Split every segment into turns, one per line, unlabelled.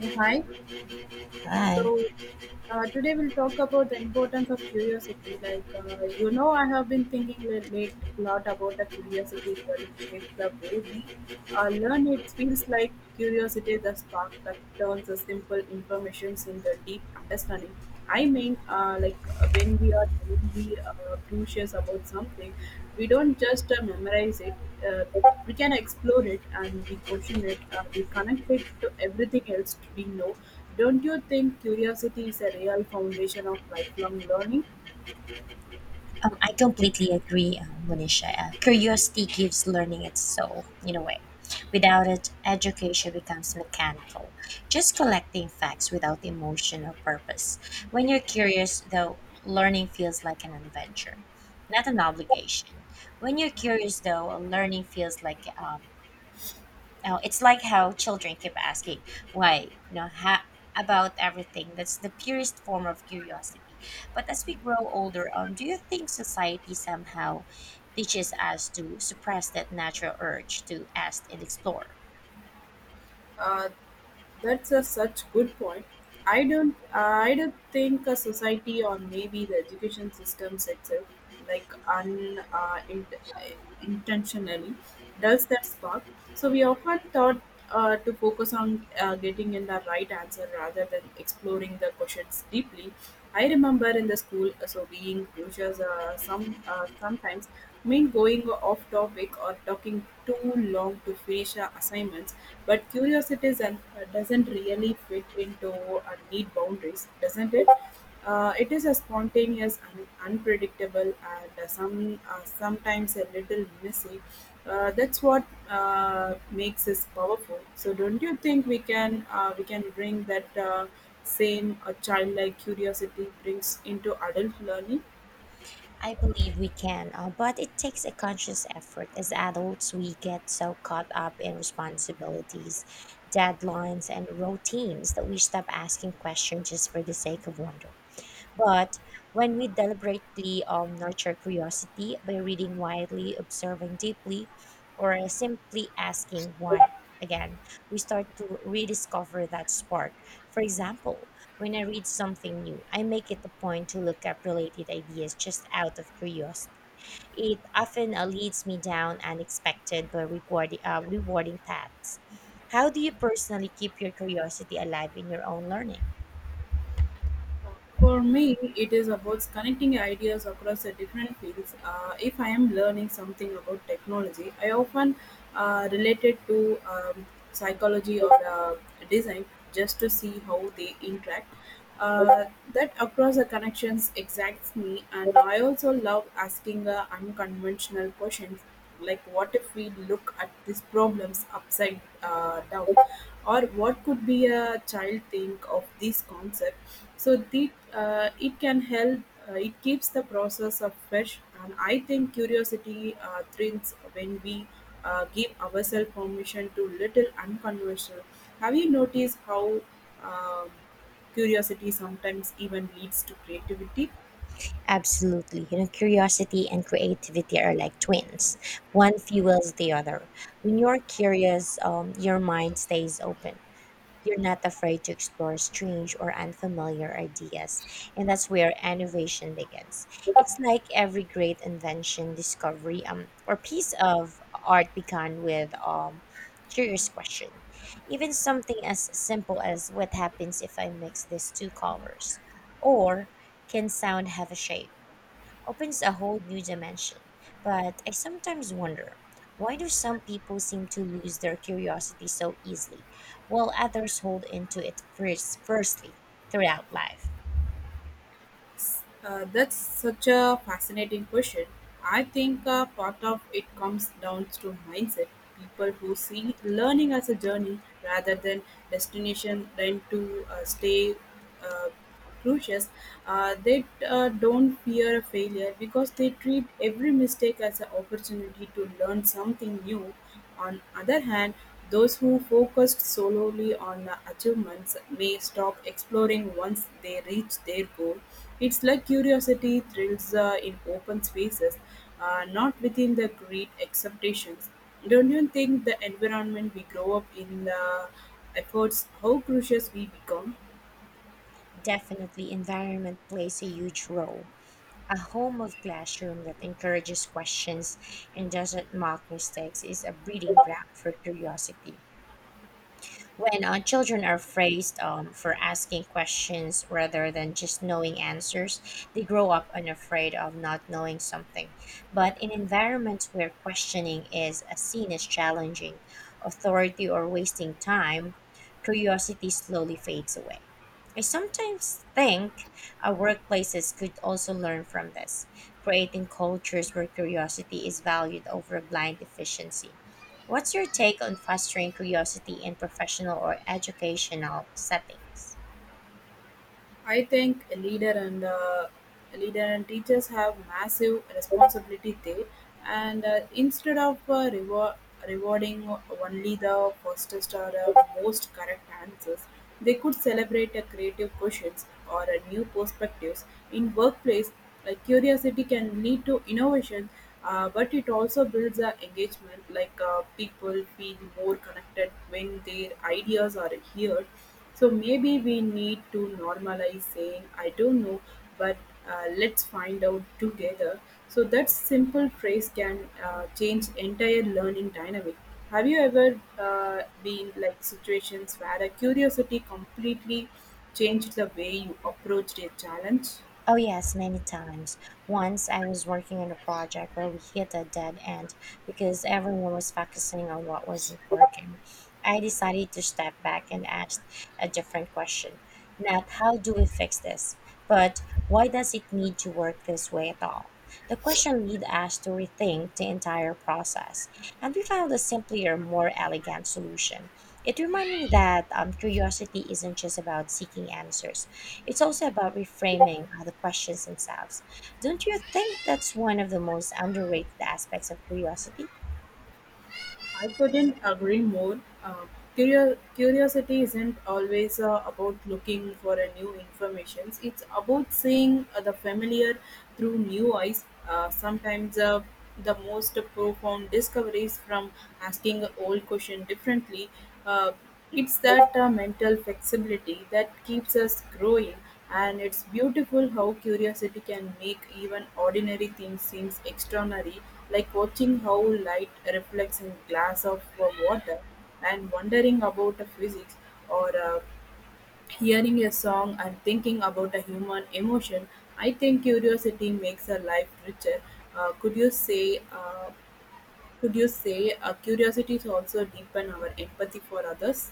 Yeah, hi.
Hi.
So today we'll talk about the importance of curiosity. I have been thinking a late a lot about the curiosity regarding shape the way we learn. It feels like curiosity is the spark that turns the simple information into deep understanding. I mean, when we are really curious about something, we don't just memorize it, uh, we can explore it and we question it, we connect it to everything else we know. Don't you think curiosity is a real foundation of lifelong learning?
I completely agree, Monisha. Curiosity gives learning its soul, in a way. Without it, education becomes mechanical, just collecting facts without emotion or purpose. When you're curious, though, learning feels like an adventure, not an obligation. When you're curious, though, learning feels like now it's like how children keep asking why, about everything. That's the purest form of curiosity. But as we grow older, do you think society somehow teaches us to suppress that natural urge to ask and explore?
Uh, That's a such good point. I don't think a society or maybe the education systems itself, like un uh, in, intentionally, does that spark. So we often thought to focus on getting in the right answer rather than exploring the questions deeply. I remember in the school so being teachers sometimes mean going off topic or talking too long to finish our assignments, but curiosity doesn't really fit into need boundaries, doesn't it? It is a spontaneous and unpredictable and sometimes a little messy. That's what makes us powerful. So don't you think we can bring that? Same a childlike curiosity brings into adult learning.
I believe we can, but it takes a conscious effort. As adults, we get so caught up in responsibilities, deadlines, and routines that we stop asking questions just for the sake of wonder. But when we deliberately nurture curiosity by reading widely, observing deeply, or simply asking why, again, we start to rediscover that spark. For example, when I read something new, I make it a point to look up related ideas just out of curiosity. It often leads me down unexpected but rewarding, rewarding paths. How do you personally keep your curiosity alive in your own learning?
For me, it is about connecting ideas across the different fields. If I am learning something about technology, I often relate it to psychology or design just to see how they interact. Uh, that across the connections exacts me, and I also love asking unconventional questions like what if we look at these problems upside down or what could be a child think of this concept so it can help it keeps the process of fresh and I think curiosity thrives when we give ourselves permission to little unconventional. Have you noticed how um curiosity sometimes even leads to creativity?
Absolutely. You know, curiosity and creativity are like twins. One fuels the other. When you're curious, your mind stays open. You're not afraid to explore strange or unfamiliar ideas. And that's where innovation begins. It's like every great invention, discovery, or piece of art began with curious question. Even something as simple as what happens if I mix these two colors? Or can sound have a shape? Opens a whole new dimension. But I sometimes wonder, why do some people seem to lose their curiosity so easily, while others hold into it first, firstly throughout life?
That's such a fascinating question. I think part of it comes down to mindset. People who see learning as a journey rather than destination tend to stay uh, cautious. They don't fear failure because they treat every mistake as an opportunity to learn something new. On other hand, those who focused solely on achievements may stop exploring once they reach their goal. It's like curiosity thrills in open spaces, not within the great expectations. Don't you think the environment we grow up in efforts how curious we become?
Definitely, environment plays a huge role. A home of classroom that encourages questions and doesn't mock mistakes is a breeding ground for curiosity. When children are phrased for asking questions rather than just knowing answers, they grow up unafraid of not knowing something. But in environments where questioning is seen as challenging, authority, or wasting time, curiosity slowly fades away. I sometimes think our workplaces could also learn from this, creating cultures where curiosity is valued over blind efficiency. What's your take on fostering curiosity in professional or educational settings?
I think a leader and teachers have massive responsibility there, and instead of rewarding only the fastest or most correct answers, they could celebrate creative questions or new perspectives in workplace. Curiosity can lead to innovation, but it also builds engagement. People feel more connected when their ideas are heard, so maybe we need to normalize saying, I don't know, but let's find out together. So that simple phrase can change entire learning dynamic. Have you ever been like situations where a curiosity completely changed the way you approached a challenge?
Oh, yes, many times. Once I was working on a project where we hit a dead end because everyone was focusing on what wasn't working. I decided to step back and ask a different question. Not how do we fix this, but why does it need to work this way at all? The question led us to rethink the entire process, and we found a simpler, more elegant solution. It reminded me that curiosity isn't just about seeking answers, it's also about reframing the questions themselves. Don't you think that's one of the most underrated aspects of curiosity?
I couldn't agree more. Curiosity isn't always about looking for a new information. It's about seeing the familiar through new eyes. Sometimes the most profound discoveries from asking an old question differently. Uh, it's that mental flexibility that keeps us growing. And it's beautiful how curiosity can make even ordinary things seem extraordinary, like watching how light reflects in glass of water and wondering about the physics or hearing a song and thinking about a human emotion. I think curiosity makes a life richer. Uh, could you say uh, could you say curiosity also deepen our empathy for others?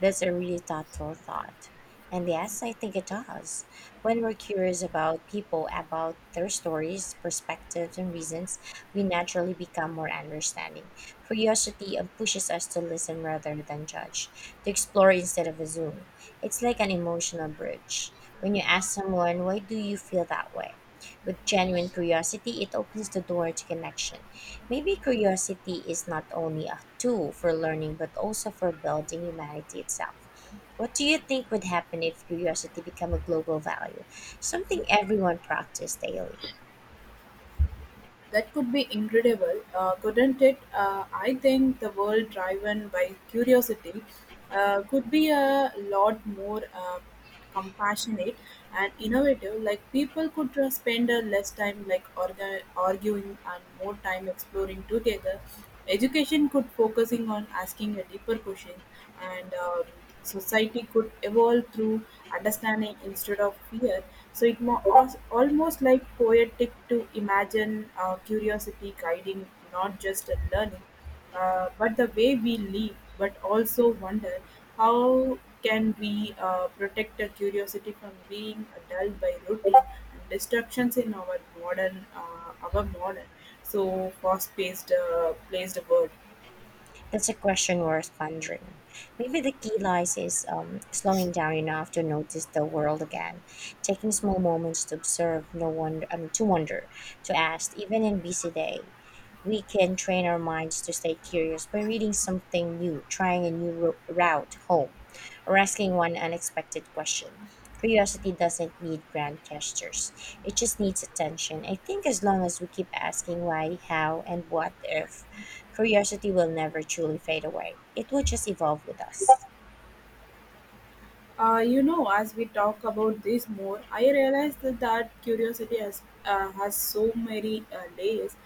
That's a really thoughtful thought. And yes, I think it does. When we're curious about people, about their stories, perspectives, and reasons, we naturally become more understanding. Curiosity pushes us to listen rather than judge, to explore instead of assume. It's like an emotional bridge. When you ask someone, why do you feel that way? With genuine curiosity, it opens the door to connection. Maybe curiosity is not only a tool for learning but also for building humanity itself. What do you think would happen if curiosity became a global value, something everyone practiced daily?
That could be incredible, couldn't it? I think the world driven by curiosity could be a lot more compassionate and innovative. Like people could spend less time arguing and more time exploring together. Education could focusing on asking a deeper question and society could evolve through understanding instead of fear. Almost like poetic to imagine curiosity guiding not just in learning, but the way we live, but also wonder how can we protect our curiosity from being dulled by routine and distractions in our modern, so fast-paced, placed world.
That's a question worth pondering. Maybe the key lies is slowing down enough to notice the world again, taking small moments to observe, no wonder, I mean, to wonder, to ask, even in busy day. We can train our minds to stay curious by reading something new, trying a route home, or asking one unexpected question. Curiosity doesn't need grand gestures. It just needs attention. I think as long as we keep asking why, how, and what if, curiosity will never truly fade away. It will just evolve with us.
You know, as we talk about this more, I realize that curiosity has so many layers.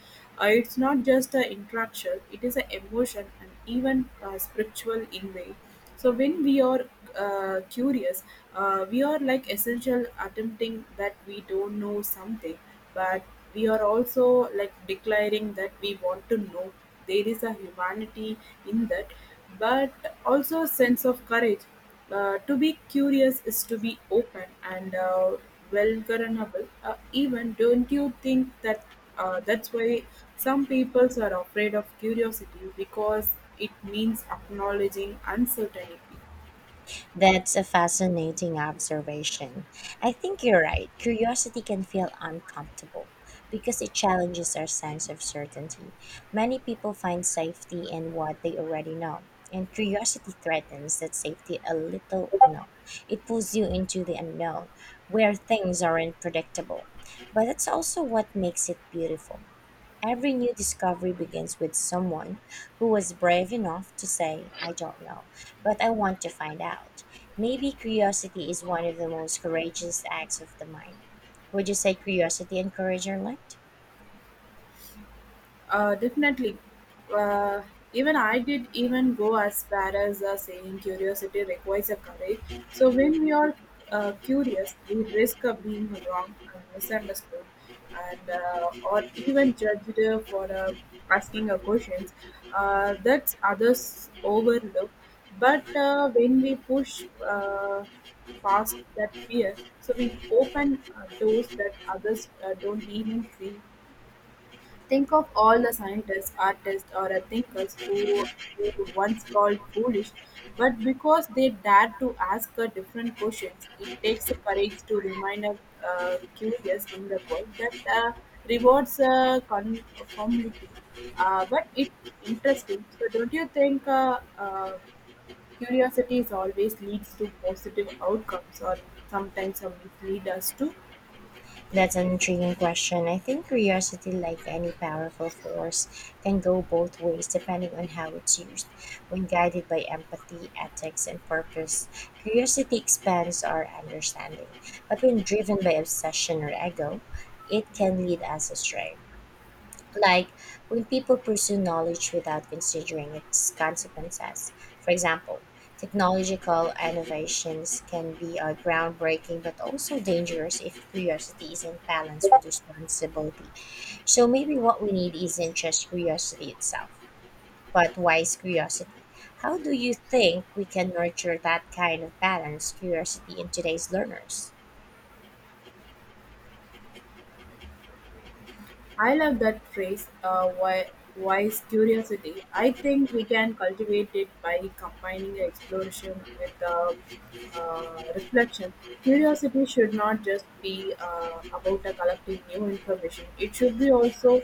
It's not just an interaction; it is an emotion and even spiritual in way. So when we are curious, we are like essential attempting that we don't know something, but we are also like declaring that we want to know. There is a humanity in that, but also a sense of courage. To be curious is to be open and vulnerable. Even don't you think that that's why some people are afraid of curiosity because it means acknowledging uncertainty.
That's a fascinating observation. I think you're right. Curiosity can feel uncomfortable because it challenges our sense of certainty. Many people find safety in what they already know, and curiosity threatens that safety a little. No, it pulls you into the unknown where things aren't predictable. But that's also what makes it beautiful. Every new discovery begins with someone who was brave enough to say, I don't know, but I want to find out. Maybe curiosity is one of the most courageous acts of the mind. Would you say curiosity and courage are linked?
Definitely. Uh, Even I did even go as far as saying curiosity requires a courage. So when we are curious, we risk of being wrong and misunderstood, and or even judged for asking a questions that others overlook. But when we push past that fear, so we open doors that others don't even see. Think of all the scientists, artists, or thinkers who were once called foolish, but because they dared to ask a different questions, it takes courage to remain curious in the world that rewards conformity. But it's interesting. So, don't you think curiosity is always leads to positive outcomes, or sometimes mislead us to?
That's an intriguing question. I think curiosity, like any powerful force, can go both ways depending on how it's used. When guided by empathy, ethics, and purpose, curiosity expands our understanding. But when driven by obsession or ego, it can lead us astray, like when people pursue knowledge without considering its consequences. For example, technological innovations can be groundbreaking but also dangerous if curiosity isn't balanced with responsibility. So maybe what we need isn't just curiosity itself, but wise curiosity. How do you think we can nurture that kind of balanced curiosity in today's learners?
I love that phrase, wise curiosity. I think we can cultivate it by combining exploration with reflection. Curiosity should not just be about collecting new information, it should be also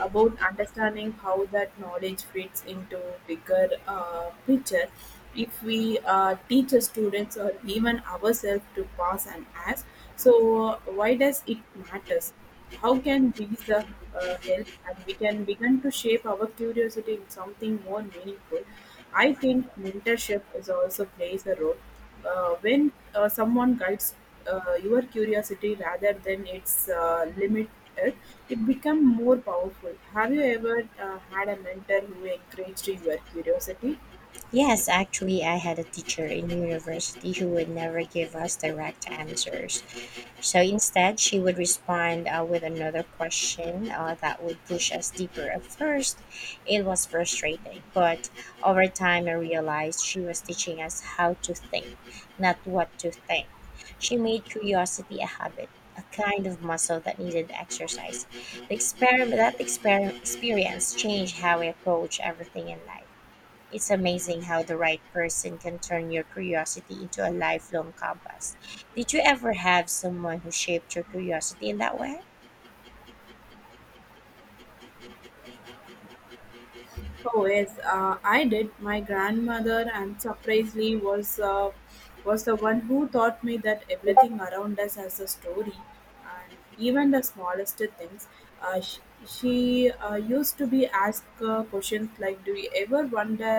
about understanding how that knowledge fits into bigger picture. If we teach our students or even ourselves to pause and ask, so why does it matters? How can these help and we can begin to shape our curiosity in something more meaningful? I think mentorship is also plays a role when someone guides your curiosity rather than its limit. It, it become more powerful. Have you ever had a mentor who encouraged your curiosity?
Yes, actually, I had a teacher in university who would never give us direct answers. So instead, she would respond with another question that would push us deeper. At first, it was frustrating, but over time, I realized she was teaching us how to think, not what to think. She made curiosity a habit, a kind of muscle that needed exercise. That experience changed how I approach everything in life. It's amazing how the right person can turn your curiosity into a lifelong compass. Did you ever have someone who shaped your curiosity in that way?
Oh yes, I did. My grandmother, and surprisingly, was the one who taught me that everything around us has a story, and even the smallest things. She used to be asked questions like, "Do you ever wonder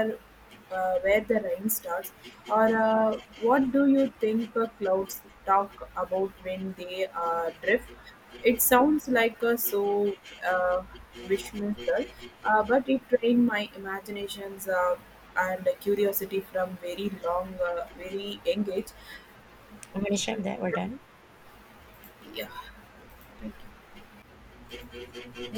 where the rain starts?" or "What do you think the clouds talk about when they drift?" It sounds like a so uh, Vishnuthar, but it trained my imaginations and curiosity from very long, very engaged.
I'm going to share that. We're done.
Yeah, thank you.